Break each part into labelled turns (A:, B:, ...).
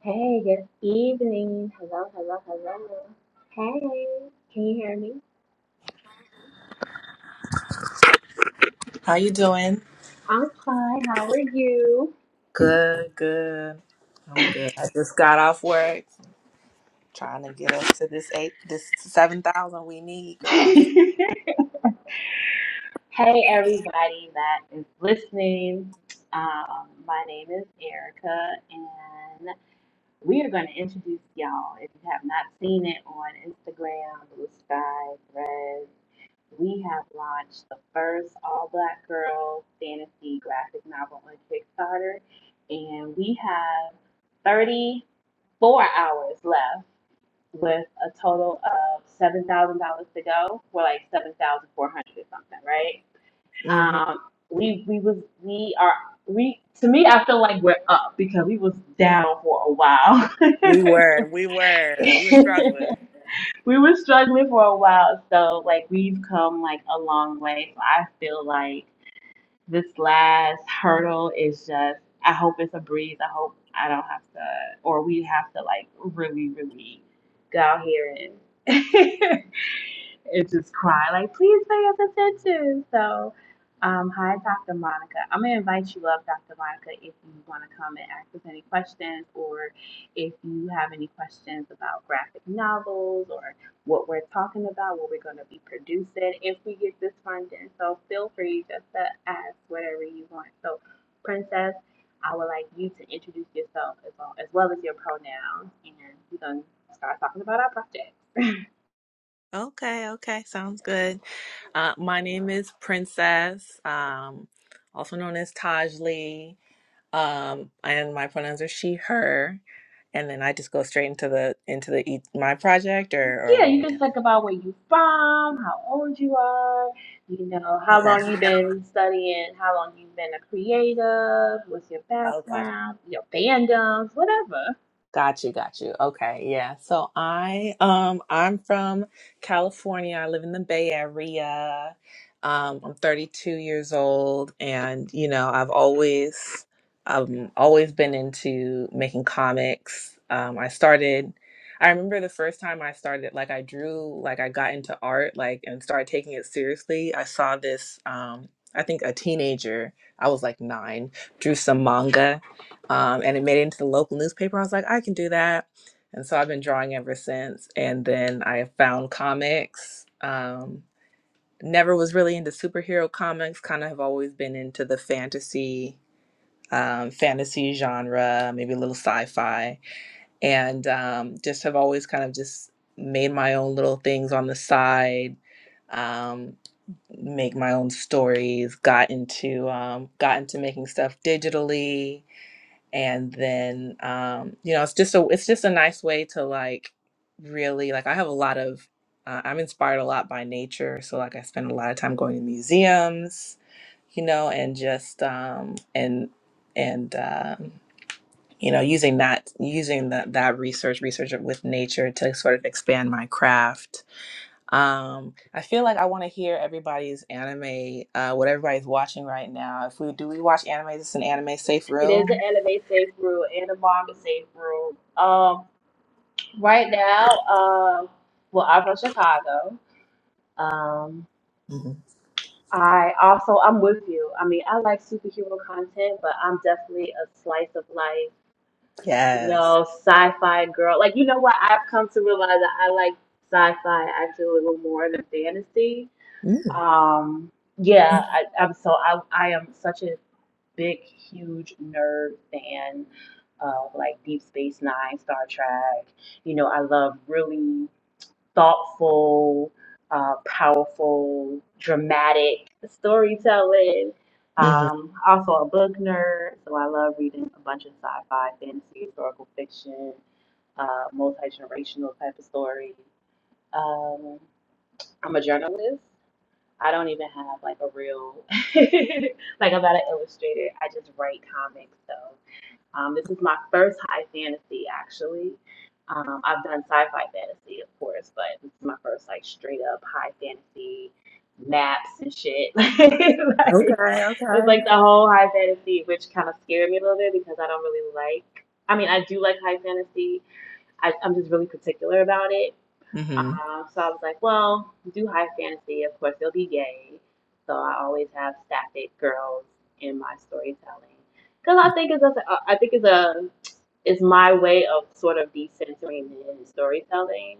A: Hey, good evening. Hello, hello, hello. Hey, can you hear me?
B: How you doing?
A: I'm fine. How are you?
B: Good, good. I'm good. I just got off work. Trying to get up to this eight, this seven thousand we need, girl.
A: Hey, everybody that is listening. Um, my name is Erica, We are going to introduce y'all, if you have not seen it on Instagram, Blue Sky, Threads, we have launched the first all black girl fantasy graphic novel on Kickstarter, and we have 34 hours left with a total of $7,000 to go. We're like 7,400 something, right?
B: hmm
A: Um, we we was we are we to me I feel like we're up because we was down for a while.
B: We were, we were, we were struggling.
A: we were struggling for a while, so like we've come like a long way. So I feel like this last hurdle is just I hope it's a breeze. I hope I don't have to or we have to like really, really go out here and and just cry like please pay us attention. So um, hi Dr. Monica. I'm gonna invite you up, Dr. Monica, if you wanna come and ask us any questions or if you have any questions about graphic novels or what we're talking about, what we're going to be producing if we get this funding. So feel free just to ask whatever you want. So, Princess, I would like you to introduce yourself as well as, well as your pronouns, and we're going to start talking about our project.
B: Okay, okay, sounds good. Uh, my name is Princess, um, also known as Taj Lee, um, and my pronouns are she/her. And then I just go straight into the into the e- my project, or or
A: Yeah,
B: what are
A: you
B: we
A: can
B: doing?
A: talk about where you are from, how old you are, you know, how
B: Okay.
A: long you've been studying, how long you've been a creative, what's your
B: Okay.
A: background, your fandoms, whatever.
B: Got you, got you. Okay, yeah. So I um I'm from California. I live in the Bay Area. Um, I'm 32 years old, and you know I've always um always been into making comics. Um, I started. I remember the first time I started, like I drew, like I got into art, like and started taking it seriously. I saw this. Um, I think a teenager. I was like nine. Drew some manga um, and it made it into the local newspaper. I was like, I can do that. And so I've been drawing ever since. And then I found comics. Um, never was really into superhero comics, kind of have always been into the fantasy. Um, fantasy genre, maybe a little sci-fi, and um, just have always kind of just made my own little things on the side, um, make my own stories, got into um, got into making stuff digitally, and then um you know it's just a it's just a nice way to like really like i have a lot of uh, i'm inspired a lot by nature so like i spend a lot of time going to museums you know and just um and and um you know using that using that that research research with nature to sort of expand my craft um i feel like i want to hear everybody's anime uh what everybody's watching right now if we do we watch anime is this an anime safe
A: It is an
B: room
A: elevate safe rule and a manga safe rule. Um, Right now, um, well, I'm from Chicago. Um, I also I'm with you. I mean, I like superhero content, but I'm definitely a slice of life, you
B: Yes.
A: know, sci-fi girl. Like, you know what? I've come to realize that I like sci-fi actually a little more than fantasy.
B: Mm.
A: Um, yeah,
B: hmm
A: I, I'm so I I am such a big, huge nerd fan of like Deep Space Nine, Star Trek. You know, I love really thoughtful, uh, powerful, dramatic storytelling. Um, also a book nerd, so I love reading a bunch of sci-fi, fantasy, historical fiction, uh, multi-generational type of stories. Um, I'm a journalist. I don't even have like a real like I'm not an illustrator. I just write comics, so um, this is my first high fantasy, actually. Um, I've done sci-fi fantasy, of course, but this is my first like straight up high fantasy maps and shit. like, it
B: Okay.
A: was like
B: Okay.
A: the whole high fantasy, which kind of scared me a little bit because I don't really like. I mean, I do like high fantasy. I, I'm just really particular about it.
B: hmm
A: Um, so I was like, well, do high fantasy. Of course, they'll be gay. So I always have sapphic girls in my storytelling because I think it's a, I think it's a it's my way of sort of decentering it in storytelling.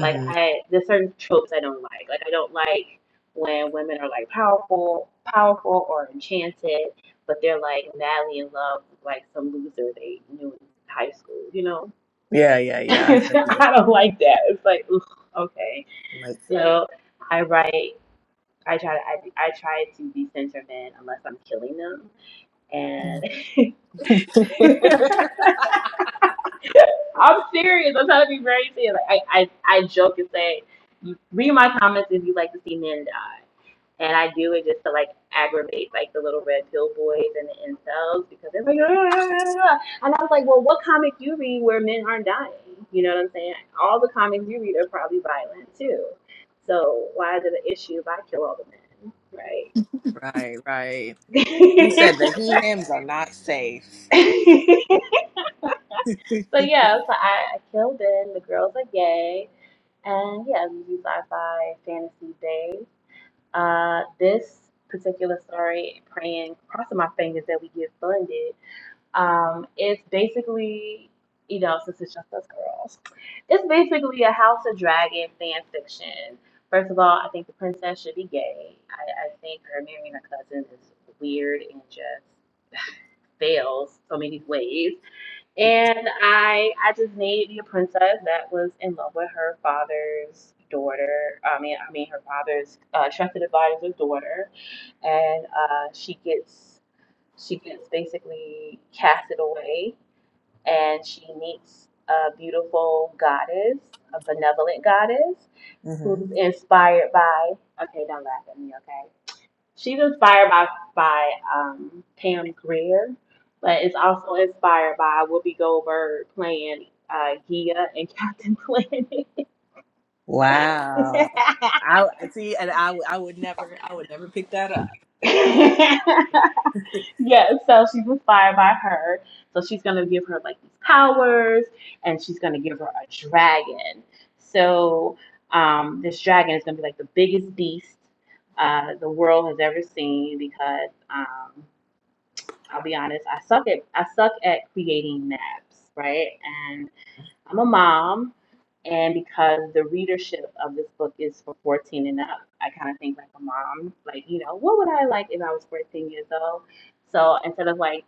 A: Like I, there's certain tropes I don't like. Like I don't like when women are like powerful, powerful or enchanted, but they're like madly in love with like some loser they knew in high school. You know,
B: Yeah. Yeah. Yeah.
A: I don't like that. It's like, ugh, okay.
B: Like.
A: So I write. I try to. I, I try to decenter men unless I'm killing them. And I'm serious. I'm trying to be very serious. Like I, I, I joke and say, read my comments if you like to see men die. And I do it just to like aggravate like the little red pill boys and the incels because they're like, "Ah, ah, ah, ah." ah." and I was like, well, what comic do you read where men aren't dying? You know what I'm saying? All the comics you read are probably violent too. So why is it an issue if I kill all the men, right?
B: right. Right. You said the he him's are not safe.
A: But yeah, so I, I killed in. The girls are gay, and yeah, we do sci-fi fantasy day. Uh, this particular story, praying, crossing my fingers that we get funded Um, it's basically, you know, since it's just us girls, it's basically a House of Dragon fan fiction. First of all, I think the princess should be gay. I, I think her marrying her cousin is weird and just fails so many ways. And I, I just needed a princess that was in love with her father's daughter. I mean, I mean her father's uh, trusted advisor's daughter, and uh, she gets she gets basically casted away and she meets a beautiful goddess, a benevolent goddess,
B: hmm
A: who's inspired by. Okay, don't laugh at me. Okay, she's inspired by by um, Pam Grier, but is also inspired by Whoopi Goldberg playing uh, Gia and Captain Planet.
B: Wow. I see, and I I would never I would never pick that up.
A: Yeah, so she's inspired by her. So she's gonna give her like these powers, and she's gonna give her a dragon. So um, this dragon is gonna be like the biggest beast uh, the world has ever seen. Because um, I'll be honest, I suck at I suck at creating maps, right? I'm a mom, and because the readership of this book is for 14 and up, I kind of think like a mom, like, you know, what would I like if I was 14 years old? So instead of like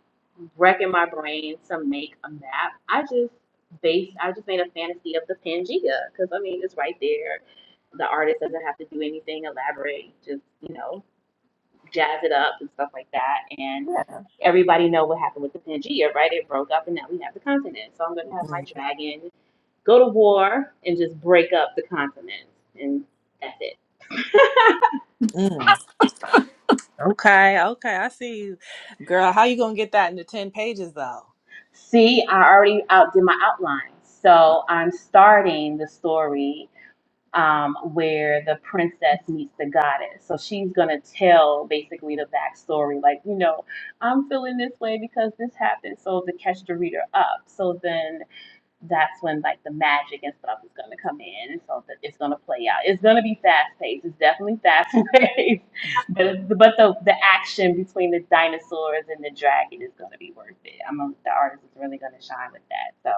A: wrecking my brain to make a map, I just based, I just made a fantasy of the Pangea because I mean, it's right there. The artist doesn't have to do anything elaborate, just, you know, jazz it up and stuff like that. And
B: Yeah.
A: everybody know what happened with the Pangea, right? It broke up and now we have the continent. So I'm going to have my
B: Mm,
A: dragon Go to war and just break up the continent, and that's it.
B: mm. Okay, okay, I see you, girl. How you gonna get that into ten pages though?
A: See, I already outdid my outline. So I'm starting the story um, where the princess meets the goddess. So she's going to tell basically
B: Okay.
A: the backstory like, you know, I'm feeling this way because this happened. So to catch the reader up. So then that's when like the magic and stuff is going to come in and so that it's going to play out it's going to be fast paced it's definitely fast paced but but the the action between the dinosaurs and the dragon is going to be worth it i'm a, the artist is really going to shine with that so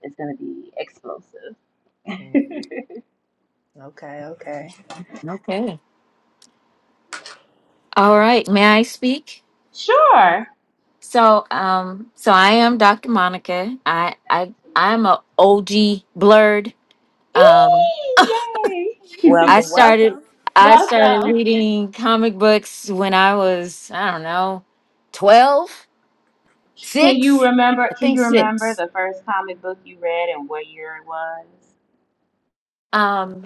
A: it's going to be explosive
B: Mm, okay, okay.
C: Okay. All right. May I speak?
A: sure
C: So, um, so I am Dr. Monica. I, I, I'm a OG blurred. Um,
A: Eee, yay
C: I
B: Welcome,
C: started,
B: welcome.
C: I started
A: welcome
C: reading comic books when I was, I don't know, twelve, six,
A: can you remember
C: I
A: can
C: think
A: you remember
C: six.
A: the first comic book you read and what year it was
C: Um,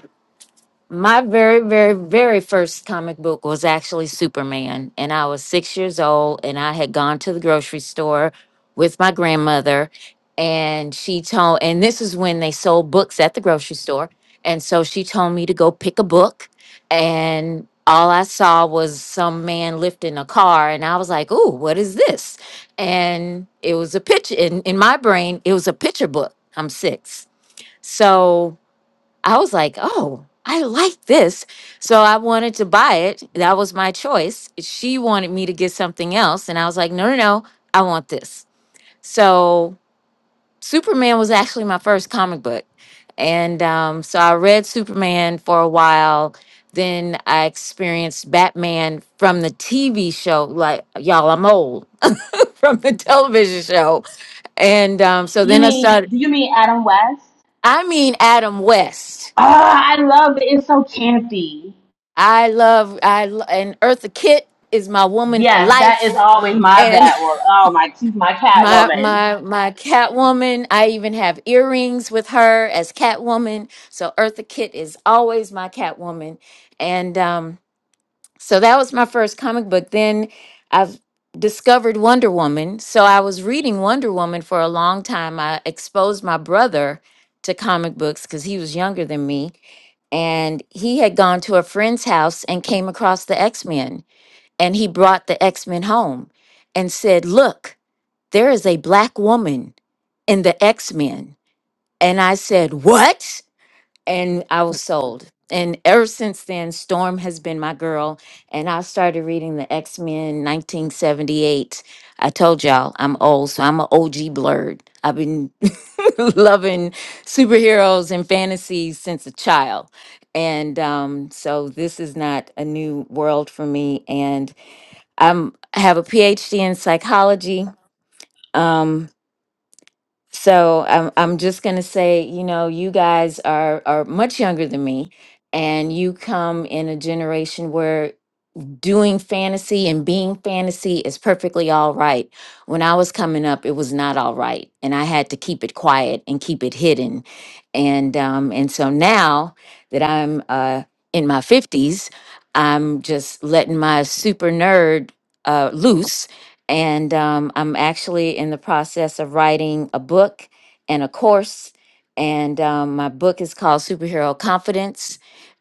C: My very, very, very first comic book was actually Superman. And I was six years old, and I had gone to the grocery store with my grandmother. And she told, and this is when they sold books at the grocery store. And so she told me to go pick a book. And all I saw was some man lifting a car. And I was like, Ooh, what is this? And it was a picture in, in my brain, it was a picture book. I'm six. So I was like, oh, I like this. So I wanted to buy it. That was my choice. She wanted me to get something else. And I was like, no, no, no, I want this. So Superman was actually my first comic book. And um, so I read Superman for a while. Then I experienced Batman from the TV show. Like, y'all, I'm old from the
B: Mm-hmm.
C: television show. And um, so
A: you
C: then I
A: mean
C: started,
A: do you mean adam west
C: I mean, Adam West.
A: Ah, I love it. It's so campy.
C: I love I lo- and Eartha Kitt is my woman for
A: Yes, that is
C: life.
B: Mm.
A: always my
C: And
A: bad one. Oh my, she's my cat
C: my
A: woman.
C: my my Catwoman, I even have earrings with her as Catwoman. So Eartha Kitt is always my Catwoman. And um so that was my first comic book. Then I've discovered Wonder Woman. So I was reading Wonder Woman for a long time. I exposed my brother to comic books cuz he was younger than me and he had gone to a friend's house and came across the X Men. And he brought the X Men home and said, Look, there is a black woman in the X Men. And I said, What? And I was sold. And ever since then, Storm has been my girl. And I started reading the X Men 1978. I told y'all I'm old, so I'm an OG blurred. I've been loving superheroes and fantasies since a child. And um, so this is not a new world for me. And I'm I have a PhD in psychology. Um, so I'm I'm just gonna say, you know, you guys are are much younger than me, and you come in a generation where doing fantasy and being fantasy is perfectly all right. When I was coming up, it was not all right, and I had to keep it quiet and keep it hidden. And um, and so now that I'm uh, in my fifties, I'm just letting my super nerd uh, loose, and um, I'm actually in the process of writing a book and a course. And um, my book is called Superhero Confidence,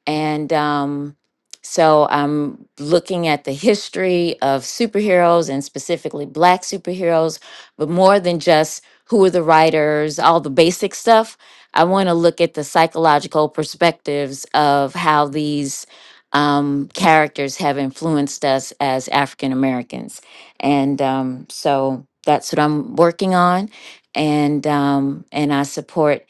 C: and um, so I'm looking at the history of superheroes and specifically black superheroes, but more than just who are the writers, all the basic stuff. I want to look at the psychological perspectives of how these um, characters have influenced us as African Americans. And um, so that's what I'm working on. And um, and I support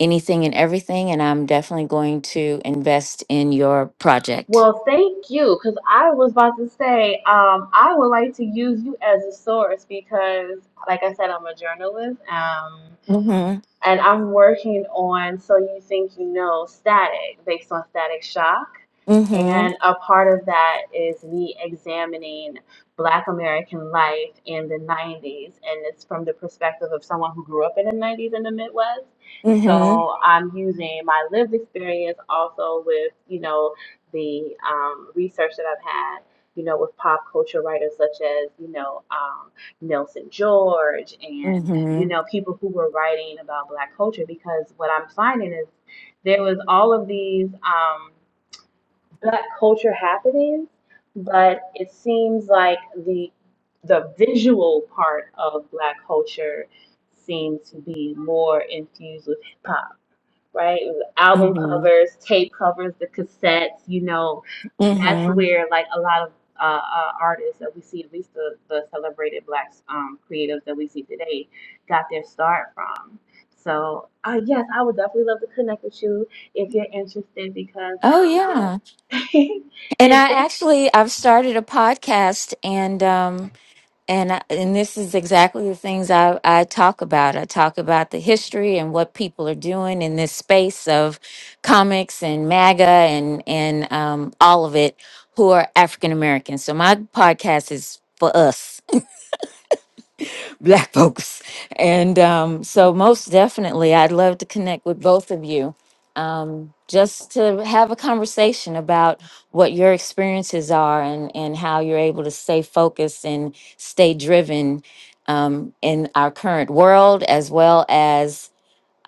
C: anything and everything. And I'm definitely going to invest in your project.
A: Well, thank you, because I was about to say, um, I would like to use you as a source because, like I said, I'm a journalist. Um,
C: Mhm.
A: and I'm working on So You Think You Know Static based on Static Shock.
C: Mhm.
A: And a part of that is me examining Black American life in the 90s. And it's from the perspective of someone who grew up in the 90s in the Midwest.
C: Mhm.
A: So I'm using my lived experience also with, you know, the um, research that I've had, you know, with pop culture writers such as, you know, um, Nelson George and you
C: Mhm.
A: know, people who were writing about black culture because what I'm finding is there was all of these um, black culture happenings, but it seems like the the visual part of black culture seems to be more infused with hip hop right? It was album
C: Mhm.
A: covers, tape covers, the cassettes, you know, that's
C: Mhm.
A: where like a lot of uh, uh, artists that we see, at least the, the celebrated black um, creatives that we see today, got their start from. So uh, yes, I would definitely love to connect with you if you're interested because
C: Oh
A: um, yes.
C: yeah.
A: and
C: And I
A: thank
C: actually I've started a podcast and um and I, and this is exactly the things I I talk about. I talk about the history and what people are doing in this space of comics and MAGA and and um all of it who are African Americans. So my podcast is for us. black folks and um, so most definitely i'd love to connect with both of you um, just to have a conversation about what your experiences are and, and how you're able to stay focused and stay driven um, in our current world as well as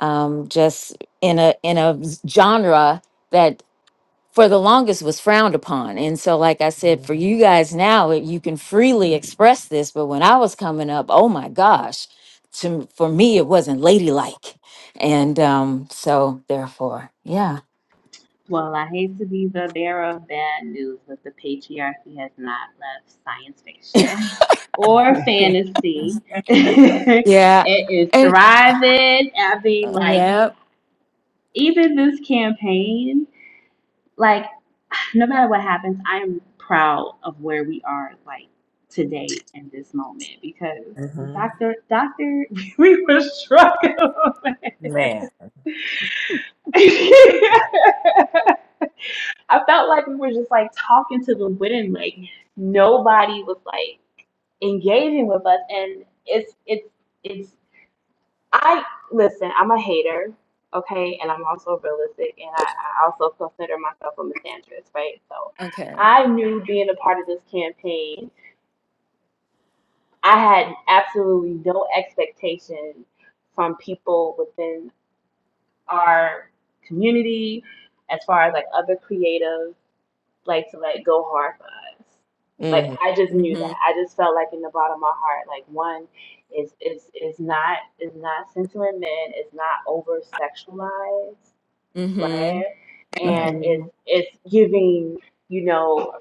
C: um, just in a in a genre for the longest was frowned upon. And so, like I said, for you guys now, it- you can freely express this. But when I was coming up, oh my gosh, to, for me, it wasn't ladylike. And um, so, therefore, yeah.
A: Well, I hate to be the bearer of bad news, but the patriarchy has not left science fiction or
B: Mm-hmm.
A: fantasy. it
C: Yeah.
A: is
C: And
A: thriving. I mean, like,
C: yeah,
A: even this campaign, like, no matter what happens, I am proud of where we are, like, today in this moment because Dr. Dr. we were struggling.
B: Man.
A: I felt like we were just like talking to the wind, like nobody was like engaging with us. And it's it's it's I listen. I'm a hater, okay, and I'm also realistic, and I, I also consider myself a misandrist, right? So
C: Okay.
A: I knew being a part of this campaign, I had absolutely no expectation from people within our community, as far as like other creatives like to like go hard for us. Like
B: Mm-hmm.
A: I just
C: Mm
A: knew that.
C: hmm.
A: I just felt like in the bottom of my heart, like one is is is not is not sensual in men, it's not over sexualized,
C: Mm hmm.
A: right?
C: Mm
A: And
B: Right.
C: hmm.
A: it's it's giving, you know,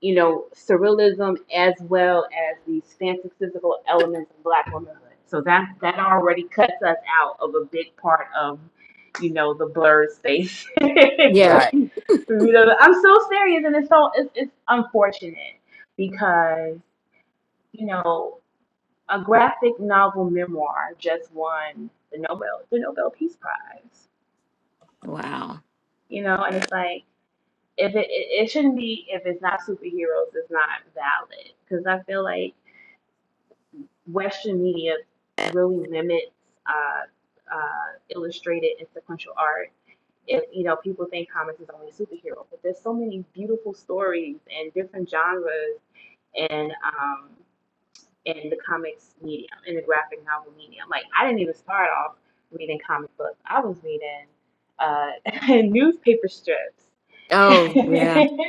A: you know, surrealism as well as these fantastical elements of black womanhood. So that that already cuts us out of a big part of, you know, the blurred space.
C: yeah,
B: Right.
A: You know, I'm so serious, and it's so it's, it's unfortunate because you know a graphic novel memoir just won the Nobel the Nobel Peace Prize.
C: Wow.
A: You know, and it's like if it it, it shouldn't be if it's not superheroes, it's not valid because I feel like Western media really limits uh, uh, illustrated and sequential art. If you know, people think comics is only superhero, but there's so many beautiful stories and different genres In um in the comics medium, in the graphic novel medium. Like I didn't even start off reading comic books. I was reading uh newspaper strips. because
C: Oh, yeah.
A: you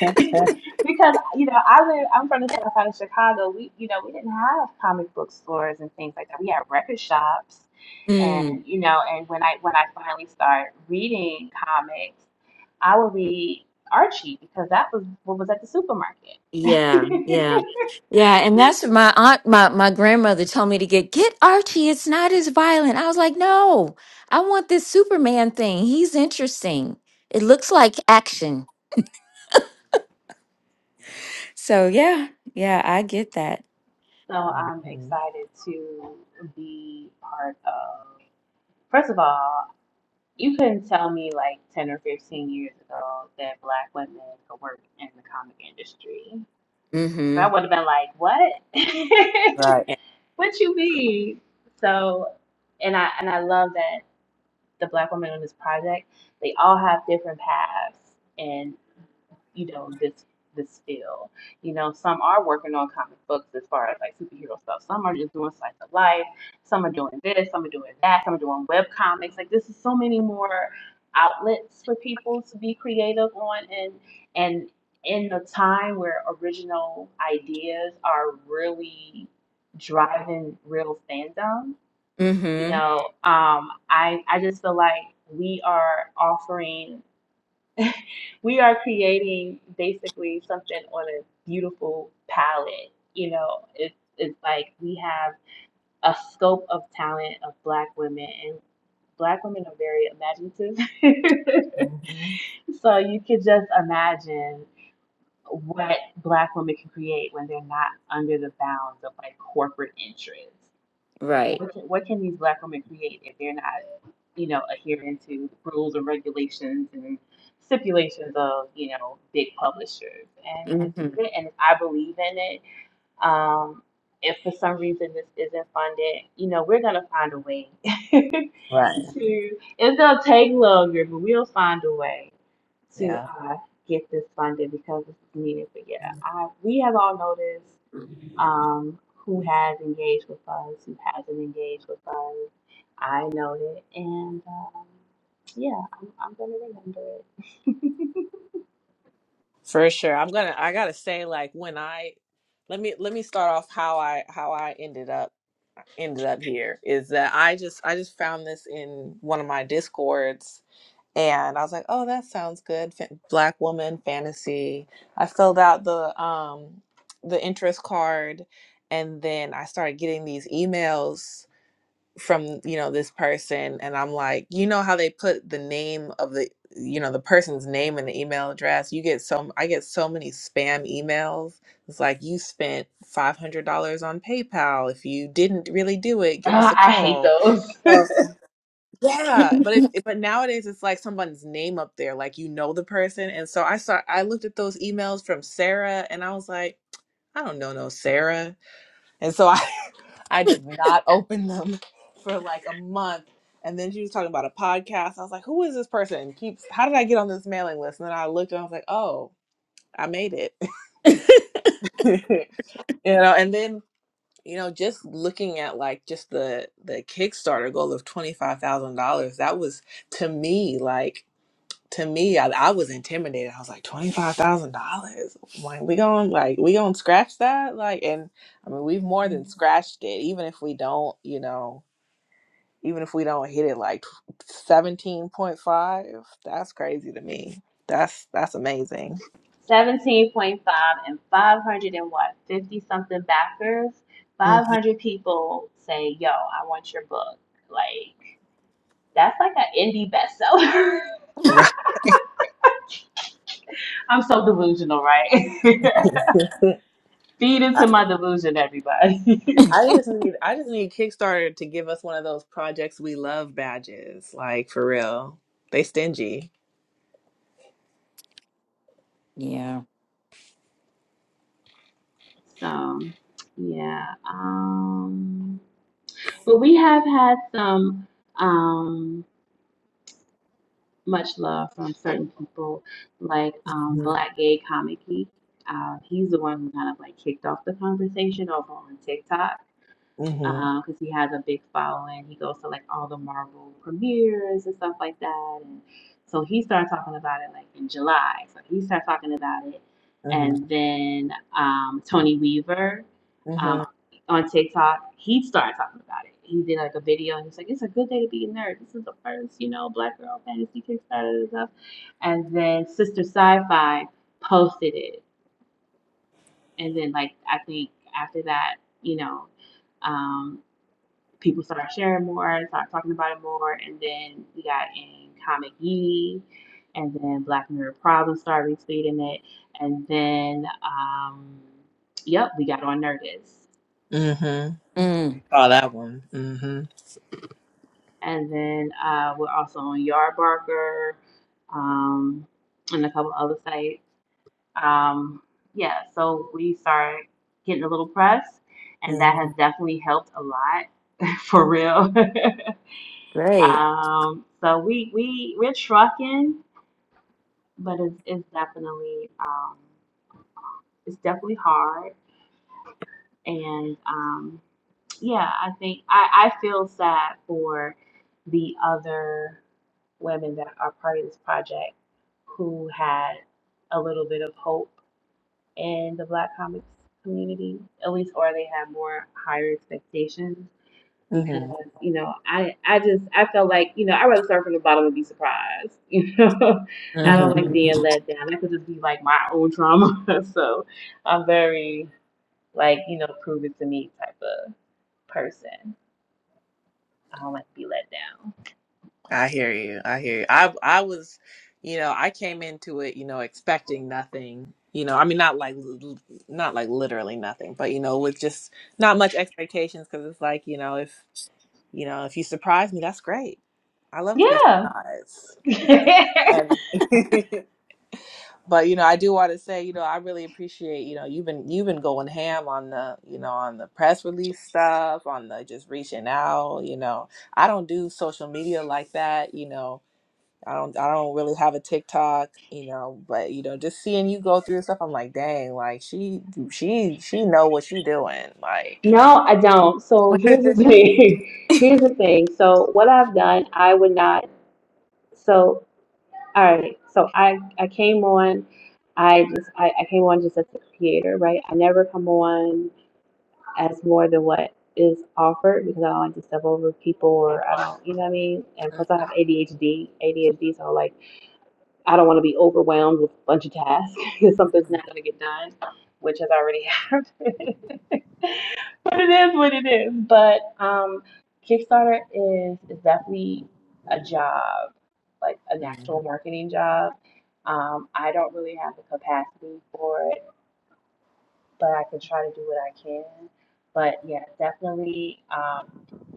A: know, I live I'm from the south side of Chicago. We you know, we didn't have comic book stores and things like that. We had record shops and you know, and when I when I finally started reading comics, I would read Archie because that was what was at the supermarket.
C: Yeah, yeah, yeah, and that's what my aunt, my my grandmother told me to get get Archie. It's not as violent. I was like, no, I want this Superman thing. He's interesting. It looks like action. So yeah, yeah, I get that.
A: So I'm
B: Mm-hmm.
A: excited to be part of. First of all, you couldn't tell me like 10 or 15 years ago that black women could work in the comic industry. I
C: Mm-hmm.
A: would have been like, what?
B: Right.
A: what you mean? So, and I and I love that the black women on this project, they all have different paths. and you know, this this field. You know, some are working on comic books as far as like superhero stuff. Some are just doing slice of life. Some are doing this. Some are doing that. Some are doing web comics. Like this is so many more outlets for people to be creative on and and in a time where original ideas are really driving real fandom, you
C: Mm-hmm.
A: know, um, I I just feel like we are offering we are creating basically something on a beautiful palette. You know, it's it's like we have a scope of talent of black women and black women are very imaginative.
B: Mm-hmm.
A: so you could just imagine what black women can create when they're not under the bounds of like corporate interests. Like,
C: Right.
A: what can, what can these black women create if they're not, you know, adhering to rules and regulations and stipulations of, you know, big publishers? And this is it.
C: Mm-hmm.
A: And I believe in it. Um, if for some reason this isn't funded, you know, we're gonna find a way
B: Right.
A: to. It's gonna take longer, but we'll find a way to
B: Yeah.
A: uh, get this funded because this is needed. But yeah, I, we have all noticed um, who has engaged with us, who hasn't engaged with us. I know it, and um, yeah, I'm, I'm gonna remember it.
B: For sure. I'm gonna I gotta say, like when I let me let me start off how I how I ended up ended up here is that I just I just found this in one of my discords and I was like, "Oh, that sounds good." Fa- Black woman fantasy. I filled out the um the interest card, and then I started getting these emails from you know this person, and I'm like, you know how they put the name of the you know the person's name and the email address. You get so I get so many spam emails. It's like you spent five hundred dollars on PayPal. If you didn't really do it, give us a
A: Ah, I hate
B: call.
A: those.
B: So yeah, but it, it- but nowadays it's like someone's name up there, like you know the person. And so I saw I looked at those emails from Sarah, and I was like, I don't know no Sarah, and so I I did not open them for like a month. And then she was talking about a podcast. I was like, who is this person? Keeps how did I get on this mailing list? And then I looked and I was like, oh, I made it, you know. And then you know, just looking at like just the the Kickstarter goal of twenty five thousand dollars, that was to me like. to me, I, I was intimidated. I was like, twenty five thousand dollars. Like we going like we gonna scratch that? Like, and I mean, we've more than scratched it. Even if we don't, you know, even if we don't hit it like seventeen point five, that's crazy to me. That's that's amazing.
A: Seventeen point five and five hundred and what fifty something backers.
B: Mhm.
A: Five hundred people say, "Yo, I want your book." Like that's like an indie bestseller.
B: Right.
A: I'm so delusional, right? Feed
B: I,
A: into my delusion, everybody.
B: I just need I just need Kickstarter to give us one of those projects we love badges. Like for real, they stingy.
C: yeah.
A: So yeah. Um but we have had some um much love from certain people like um
B: Mhm.
A: Black Gay Comic Geek. Uh, he's the one who kind of like kicked off the conversation over on TikTok
B: Mhm.
A: because he has a big following. He goes to like all the Marvel premieres and stuff like that. And so he started talking about it like in July. So he started talking about it,
B: Mhm.
A: and then um, Tony Weaver um,
B: Mhm.
A: on TikTok, he started talking about it. He did like a video and he's like, "It's a good day to be a nerd. This is the first, you know, Black Girl Fantasy Kickstarter and stuff." And then Sister Sci-Fi posted it, and then like I think after that, you know. Um, people started sharing more, started talking about it more, and then we got in Comic Ye, and then Black Mirror Problems started retweeting it, and then, um, yep, we got on Nerdist.
B: Mhm.
C: Mm,
B: Oh, that one. hmm
A: And then uh, we're also on Yardbarker um, and a couple other sites. Um, yeah, so we started getting a little press, and that has
B: hmm
A: definitely helped a lot, for real.
C: great.
A: Um, so we we we're trucking. but it's, it's definitely um, it's definitely hard and um, yeah i think I, I feel sad for the other women that are part of this project who had a little bit of hope in the black comics community at least or they had more higher expectations because
B: hmm
A: you know I I just I felt like you know I'd rather start from the bottom and be surprised. You know, I
B: hmm
A: don't like
C: Mm-hmm.
A: being let down. That could just be like my own trauma. so I'm very like you know prove it to me type of person. I don't like to be let down.
B: I hear you. I hear you. I I was, you know, I came into it, you know, expecting nothing. You know, I mean, not like l- l- not like literally nothing, but you know, with just not much expectations because it's like, you know, if you know, if you surprise me, that's great. I love to be surprised.
A: Yeah.
B: And but you know i do want to say you know i really appreciate you know you've been you've been going ham on the you know on the press release stuff on the just reaching out you know i don't do social media like that you know i don't i don't really have a tiktok you know but you know just seeing you go through stuff i'm like dang like she she she know what she doing like
A: no, I don't. So here's the thing. Here's the thing. So what I've done, I would not. So. All right. So I I came on. I just I, I came on just as a creator, right? I never come on as more than what is offered because I don't like to step over people or I don't, you know what I mean. And plus, I have ADHD. ADHD, so like. I don't want to be overwhelmed with a bunch of tasks because something's
B: Mhm,
A: not going to get done, which has already happened. but it is what it is. But um, Kickstarter is is definitely a job, like an
B: mhm.
A: actual marketing job. Um, I don't really have the capacity for it but I can try to do what I can. But yeah, definitely, um,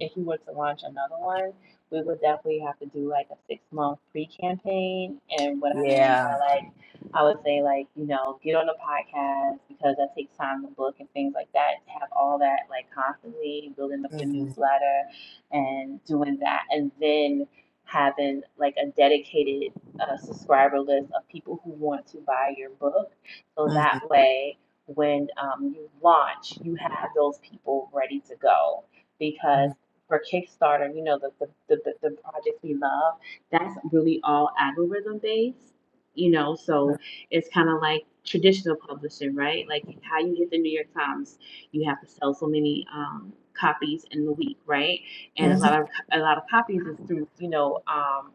A: if we were to launch another one, we would definitely have to do like a six month pre campaign. And what I mean by
B: yeah
A: like, I would say like, you know, get on the podcast because that takes time to book and things like that. Have all that like constantly building up the
B: hmm
A: newsletter and doing that. And then having like a dedicated uh, subscriber list of people who want to buy your book. So that
B: hmm
A: way, when um, you launch, you have those people ready to go because for Kickstarter, you know, the, the, the, the, the projects we love, that's really all algorithm based, you know,
B: hmm
A: so it's kind of like traditional publishing, right? Like how you get the New York Times, you have to sell so many um, copies in the week, right? And a lot
C: Mm-hmm.
A: of a lot of copies is through, you know, um,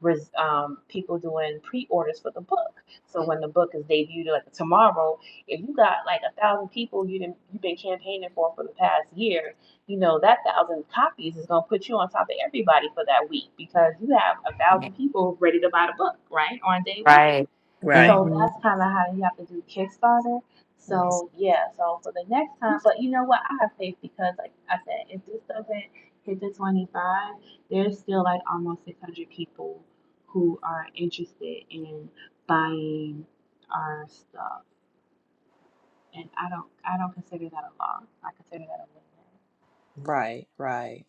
A: res, um, people doing pre-orders for the book. So when the book is debuted, like tomorrow, if you got like a thousand people you didn't, you've been campaigning for for the past year, you know that thousand copies is gonna put you on top of everybody for that week because you have a thousand people ready to buy the book right on day one.
C: Right.
B: right
A: So
C: Mm-hmm.
A: that's kind of how you have to do Kickstarter.
B: Mm-hmm.
A: So yeah, so for the next time, but you know what? I have faith because, like I said, if this doesn't hit the twenty five, there's still like almost six hundred people who are interested in buying our stuff and I don't I don't consider that a law. I consider that a win-win.
B: Right, right.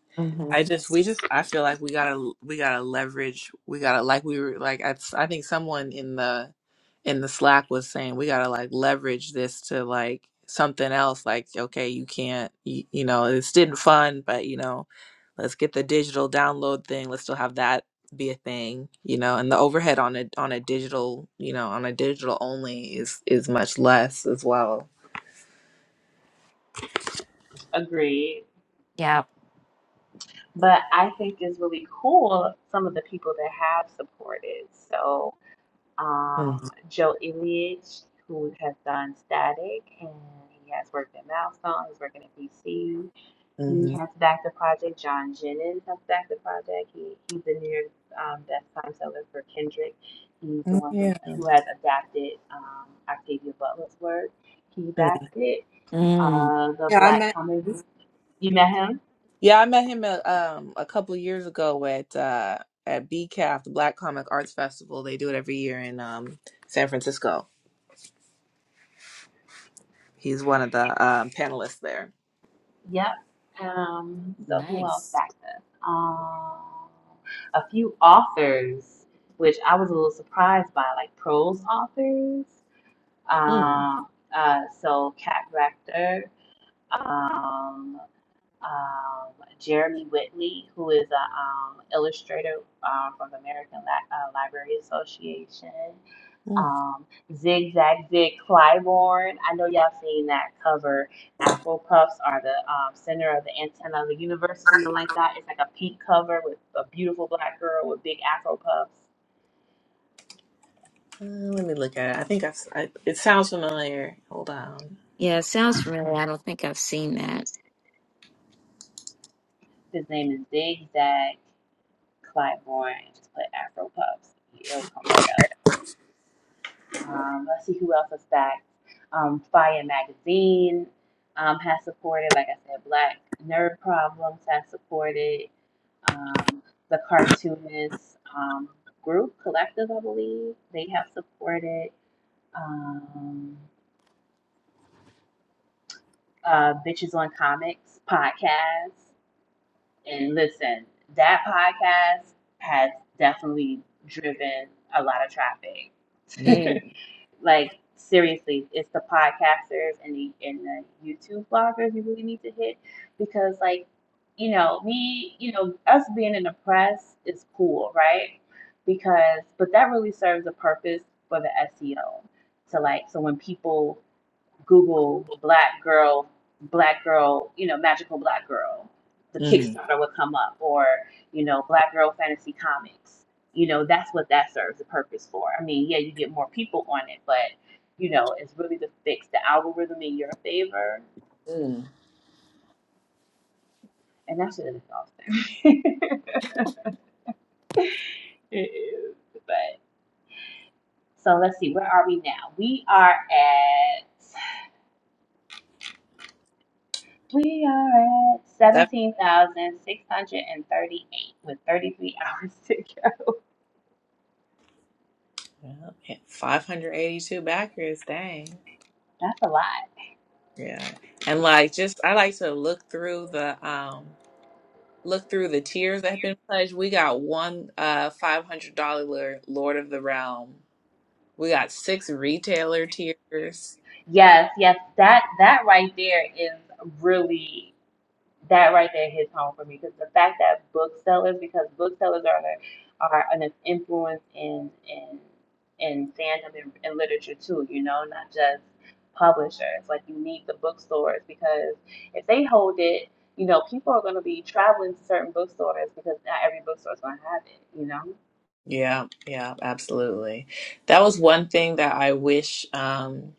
B: I
C: Mm-hmm.
B: just we just I feel like we gotta we gotta leverage we gotta like we were like I I think someone in the in the Slack was saying we gotta like leverage this to like something else like okay you can't you, you know it's didn't fun but you know let's get the digital download thing let's still have that be a thing you know and the overhead on a on a digital you know on a digital only is is much less as well.
A: Agreed.
C: Yeah.
A: But I think it's really cool some of the people that have supported. So um, Joe Ilyich, who has done Static, and he has worked at Milestone. He's working at DC. He
B: Mm-hmm.
A: has backed the project. John Jennings has backed the project. He, he's the New York um, best time seller for Kendrick. He's the one who,
B: Yeah.
A: who has adapted um, Octavia Butler's work. He
B: Mm.
A: backed it
C: Mm.
A: uh, the
B: Yeah, I
A: black comic.
B: met.
A: You met him?
B: Yeah, I met him a, um a couple of years ago at uh at BCAF, the Black Comic Arts Festival. They do it every year in um San Francisco. He's one of the um, panelists there.
A: Yep. Um, so who else
C: Nice.
A: backed us? Um, a few authors, which I was a little surprised by, like prose authors.
B: Mm,
A: Um, uh, so Kat Rector, um, um, Jeremy Whitley, who is a um, illustrator uh, from the American La- uh, Library Association.
B: mm. Uh,
A: um, Zigzag Dick Clyborn. I know y'all seen that cover. Afro Puffs are the um, center of the antenna of the universe, or something like that. It's like a pink cover with a beautiful black girl with big Afro Puffs.
B: let me look at it. I think I've, si sounds familiar. Hold on.
C: Yeah, it sounds familiar. I don't think I've seen that.
A: His name is Zigzag Clyborn. Just put Afro Puffs. It'll come right up. Um, let's see who else is backed. Um, Fire Magazine um, has supported, like I said, Black Nerd Problems has supported um, the Cartoonist um, Group Collective, I believe. They have supported um, uh, Bitches on Comics podcast. And listen, that podcast has definitely driven a lot of traffic.
B: Mm,
C: Mm.
A: Like seriously, it's the podcasters and the and the YouTube bloggers you really need to hit because like you know me you know us being in the press is cool right because but that really serves a purpose for the SEO to like so when people Google black girl, black girl, you know, magical black girl. The
B: mm,
A: Kickstarter would come up, or you know, black girl fantasy comics. You know, that's what that serves the purpose for. I mean, yeah, you get more people on it, but you know, it's really to fix the algorithm in your favor,
B: mm.
A: and that shit is exhausting. it is, but so let's see, where are we now? We are at We are at
B: That
A: 17,638 with 33 hours to go.
B: yeah, okay. five hundred eighty-two backers. Dang.
A: That's a lot.
B: Yeah, and like just I like to look through the um Look through the tiers that have been pledged. We got one uh five hundred dollar Lord of the Realm. We got six retailer tiers.
A: Yes, yes, that that right there is really that right there hits home for me because the fact that booksellers, because booksellers are a- are an influence in in in fandom and, and literature too. You know, not just publishers. Like you need the bookstores because if they hold it, you know, people are going to be traveling to certain bookstores because not every bookstore is going to have it. You know.
B: Yeah, yeah, absolutely. That was one thing that I wish um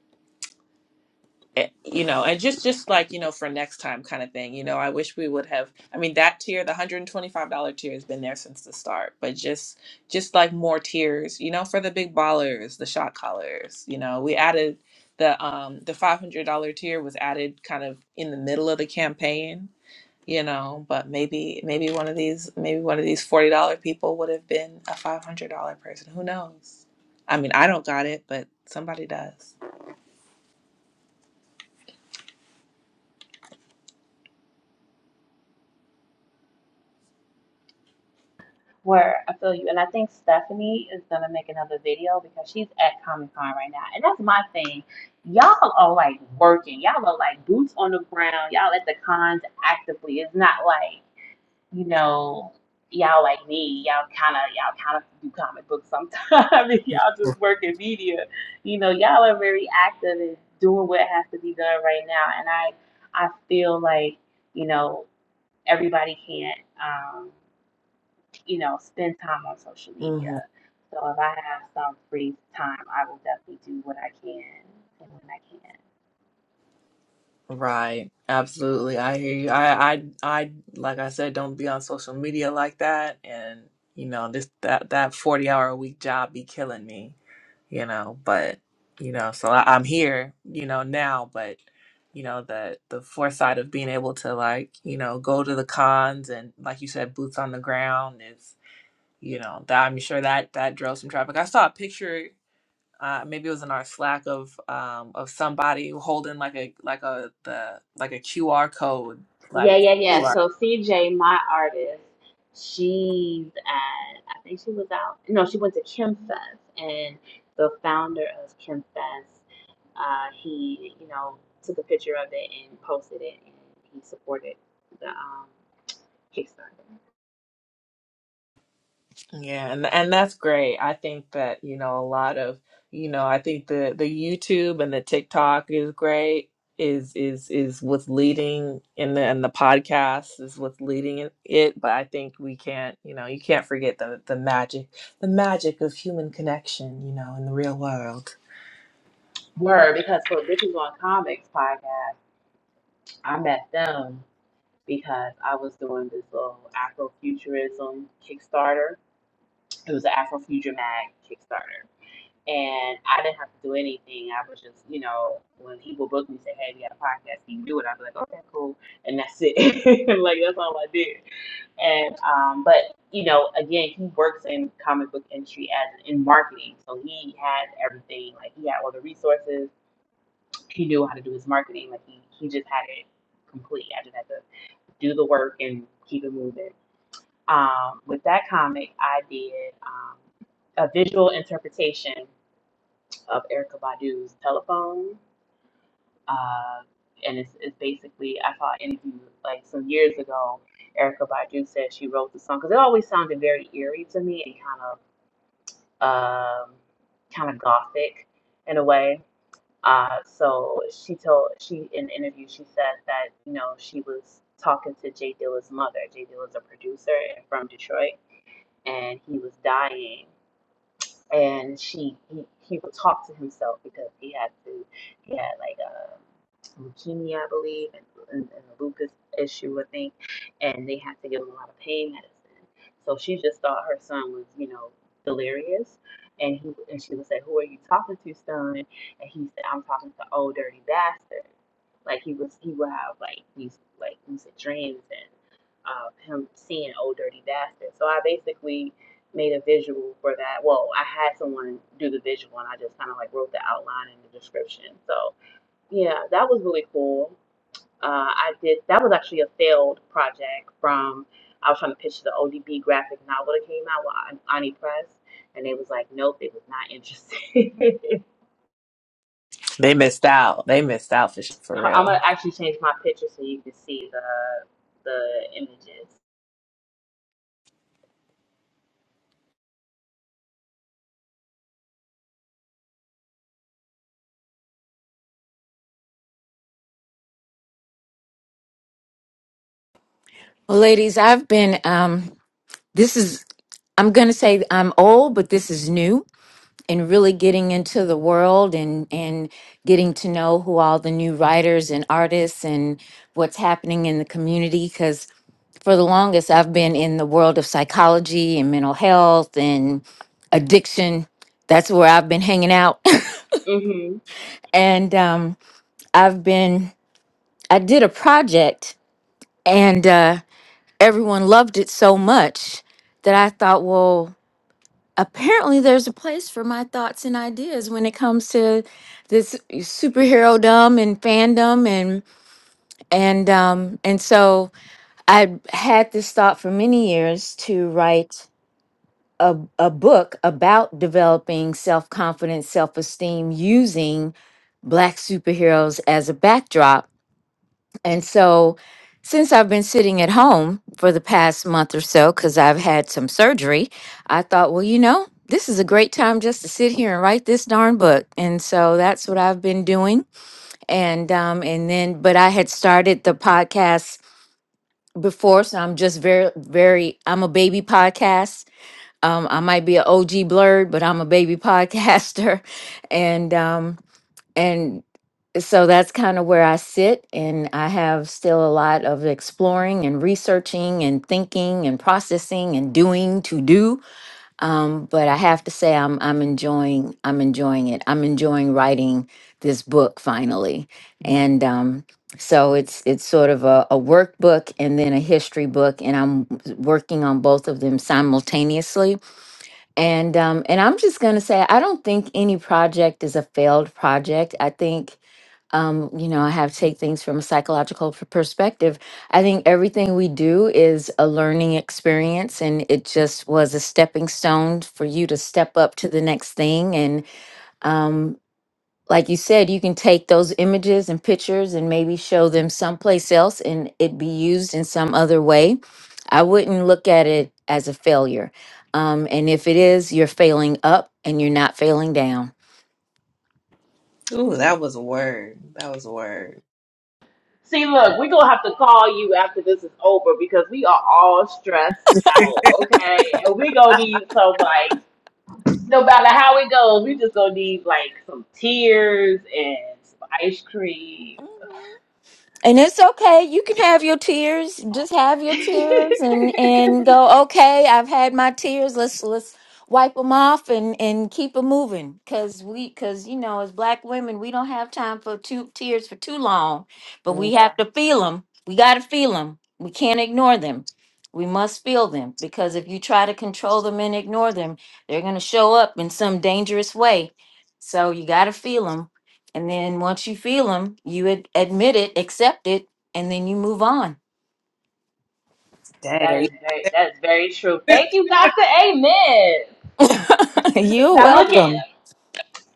B: eh, you know and just just like you know for next time kind of thing you know i wish we would have i mean that tier the $125 tier has been there since the start but just just like more tiers you know for the big ballers the shot callers you know we added the um the $500 tier was added kind of in the middle of the campaign you know but maybe maybe one of these maybe one of these $40 people would have been a $500 person who knows i mean i don't got it but somebody does
A: Where I feel you, and I think Stephanie is gonna make another video because she's at Comic Con right now, and that's my thing. Y'all are like working. Y'all are like boots on the ground. Y'all at the cons actively. It's not like you know y'all like me. Y'all kind of y'all kind of do comic books sometimes. y'all just work in media. You know, y'all are very active and doing what has to be done right now. And I I feel like you know everybody can't. Um, you know, spend time on social media. So if I have some free time, I will definitely do what I can and when I can.
B: Right. Absolutely. I hear you. I, I, I, like I said, don't be on social media like that. And, you know, this, that, that 40 hour a week job be killing me, you know, but, you know, so I, I'm here, you know, now, but, you know, the, the foresight of being able to like, you know, go to the cons and like you said, boots on the ground is, you know, that I'm sure that, that drove some traffic. I saw a picture uh, maybe it was in our Slack of um, of somebody holding like a like a the like a QR code
A: Yeah,
B: like
A: yeah, yeah.
B: QR.
A: So CJ, my artist, she's at I think she was out no, she went to Kim Fest and the founder of Kim Fest, uh, he, you know, took a picture of it and posted it and he supported the um Kickstarter.
B: yeah and and that's great I think that you know a lot of you know I think the the YouTube and the TikTok is great is is is what's leading in the and the podcast is what's leading in it but I think we can't you know you can't forget the the magic the magic of human connection you know in the real world
A: Word, because for Bitches on Comics podcast, I met them because I was doing this little Afrofuturism Kickstarter. It was an Afrofuture Mag Kickstarter. And I didn't have to do anything. I was just, you know, when people book me and say, Hey, we got a podcast, can you do it? I'd be like, Okay, cool and that's it. like that's all I did. And um but you know, again, he works in comic book industry as in marketing. So he had everything, like he had all the resources, he knew how to do his marketing, like he, he just had it complete. I just had to do the work and keep it moving. Um, with that comic, I did um, a visual interpretation of Erica Badu's telephone. Uh, and it's, it's basically, I saw an interview like some years ago. Erica Badu said she wrote the song because it always sounded very eerie to me and kind of um, kind of gothic in a way. Uh, so she told she in the interview she said that you know she was talking to Jay Dilla's mother. Jay Dilla's a producer and from Detroit and he was dying and she he, he would talk to himself because he had to he had like a leukemia i believe and, and, and a lupus issue i think and they had to give him a lot of pain medicine so she just thought her son was you know delirious and he and she would say who are you talking to son and he said i'm talking to old dirty bastard like he was he would have like these like lucid dreams and uh, him seeing old dirty bastard so i basically made a visual for that. Well, I had someone do the visual and I just kind of like wrote the outline and the description. So, yeah, that was really cool. Uh, I did, that was actually a failed project from, I was trying to pitch the ODB graphic novel that came out with An- Ani Press. And they was like, nope, they was not interested.
B: they missed out they missed out for sh- for
A: I'm
B: real
A: gonna actually change my picture so you can see the the images.
C: Well, ladies, I've been, um, this is, I'm going to say I'm old, but this is new and really getting into the world and, and getting to know who all the new writers and artists and what's happening in the community. Because for the longest, I've been in the world of psychology and mental health and addiction. That's where I've been hanging out.
A: Mm-hmm.
C: and um, I've been, I did a project. And uh, everyone loved it so much that I thought, well, apparently there's a place for my thoughts and ideas when it comes to this superhero dumb and fandom and and um and so I had this thought for many years to write a, a book about developing self-confidence, self-esteem using black superheroes as a backdrop and so, since I've been sitting at home for the past month or so, because I've had some surgery, I thought, well, you know, this is a great time just to sit here and write this darn book. And so that's what I've been doing. And um, and then, but I had started the podcast before, so I'm just very, very. I'm a baby podcast. Um, I might be an OG blurred, but I'm a baby podcaster, and um, and so that's kind of where I sit, and I have still a lot of exploring and researching and thinking and processing and doing to do. Um, but I have to say, I'm I'm enjoying I'm enjoying it. I'm enjoying writing this book finally, and um, so it's it's sort of a, a workbook and then a history book, and I'm working on both of them simultaneously. And um, and I'm just gonna say, I don't think any project is a failed project. I think um, you know, I have to take things from a psychological p- perspective. I think everything we do is a learning experience, and it just was a stepping stone for you to step up to the next thing. And um, like you said, you can take those images and pictures and maybe show them someplace else, and it be used in some other way. I wouldn't look at it as a failure. Um, and if it is, you're failing up and you're not failing down.
B: Ooh, that was a word. That was a word.
A: See, look, we're gonna have to call you after this is over because we are all stressed out, okay? And we gonna need some like no matter how it goes, we just gonna need like some tears and some ice cream.
C: And it's okay. You can have your tears. Just have your tears and and go, "Okay, I've had my tears. Let's let's wipe them off and and keep it moving cuz we cuz you know, as black women, we don't have time for two tears for too long, but
B: Mm,
C: we have to feel them. We got to feel them. We can't ignore them. We must feel them because if you try to control them and ignore them, they're going to show up in some dangerous way. So you got to feel them. And then once you feel them, you ad- admit it, accept it, and then you move on.
B: Dang,
A: that
B: are you
A: is very that is very true. Thank you, Doctor Amen.
C: You're
A: Now look at
C: welcome.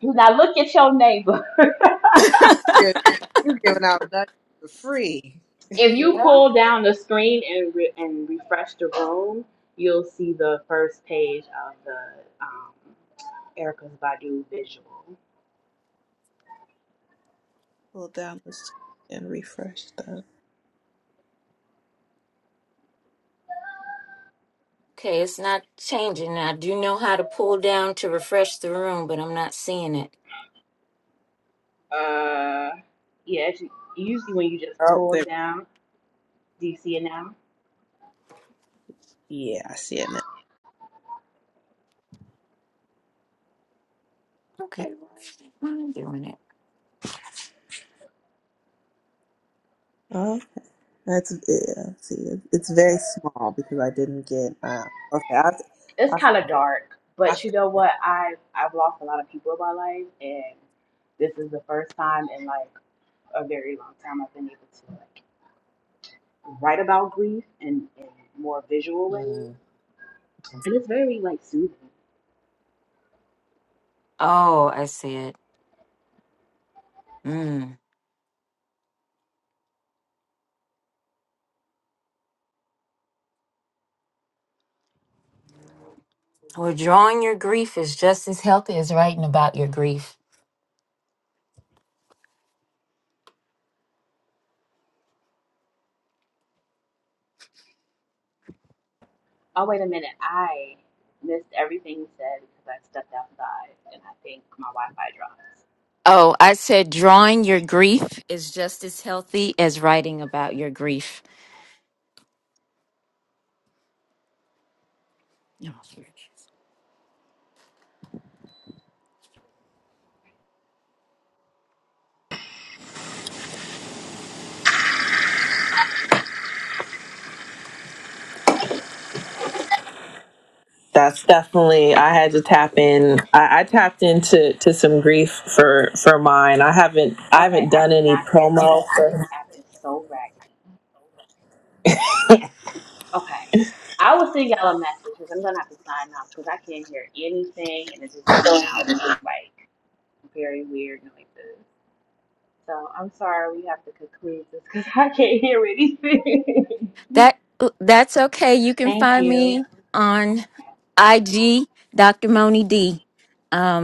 A: now look at your neighbor.
B: good? You're giving out nothing for free.
A: if you
C: Yeah.
A: pull down the screen and re- and refresh the room, you'll see the first page of the um, Erica's Badu visual.
B: Pull down the screen and refresh that.
C: Okay, it's not changing. I do know how to pull down to refresh the room, but I'm not seeing it.
A: Uh, yeah, it's usually when you just
B: Oh,
A: pull
B: There.
A: down, do you see it now?
B: Yeah, I see it now.
C: Okay, why am I doing it?
B: Oh, That's yeah. See, it- it's very small because I didn't get. Uh, okay, I,
A: It's
B: I,
A: kind of dark,
B: I
A: but you know what? I have I've lost a lot of people in my life, and this is the first time in like a very long time I've been able to like write about grief in, in more visual ways,
B: mm,
A: and it's very like soothing.
C: Oh, I see it. Mm. Withdrawing your grief is just as healthy as writing about your grief.
A: Oh wait a minute, I missed everything you said because I stepped outside, and I think my Wi-Fi dropped.
C: Oh, I said drawing your grief is just as healthy as writing about your grief.
B: That's definitely. I had to tap in. I, I tapped into to some grief for for mine. I haven't I
A: Okay,
B: haven't
A: I
B: done any
A: cannot hear
B: promo.
A: anything. This
B: for.
A: app is so raggedy. Okay, I will send y'all a message because I'm gonna have to sign off because I can't hear anything and it's just coming out like very weird noises. So I'm sorry we have to conclude this because I can't hear anything.
C: That uh, that's okay. You can
A: Thank
C: find
A: you.
C: me on IG, Dr. Moni D. Um,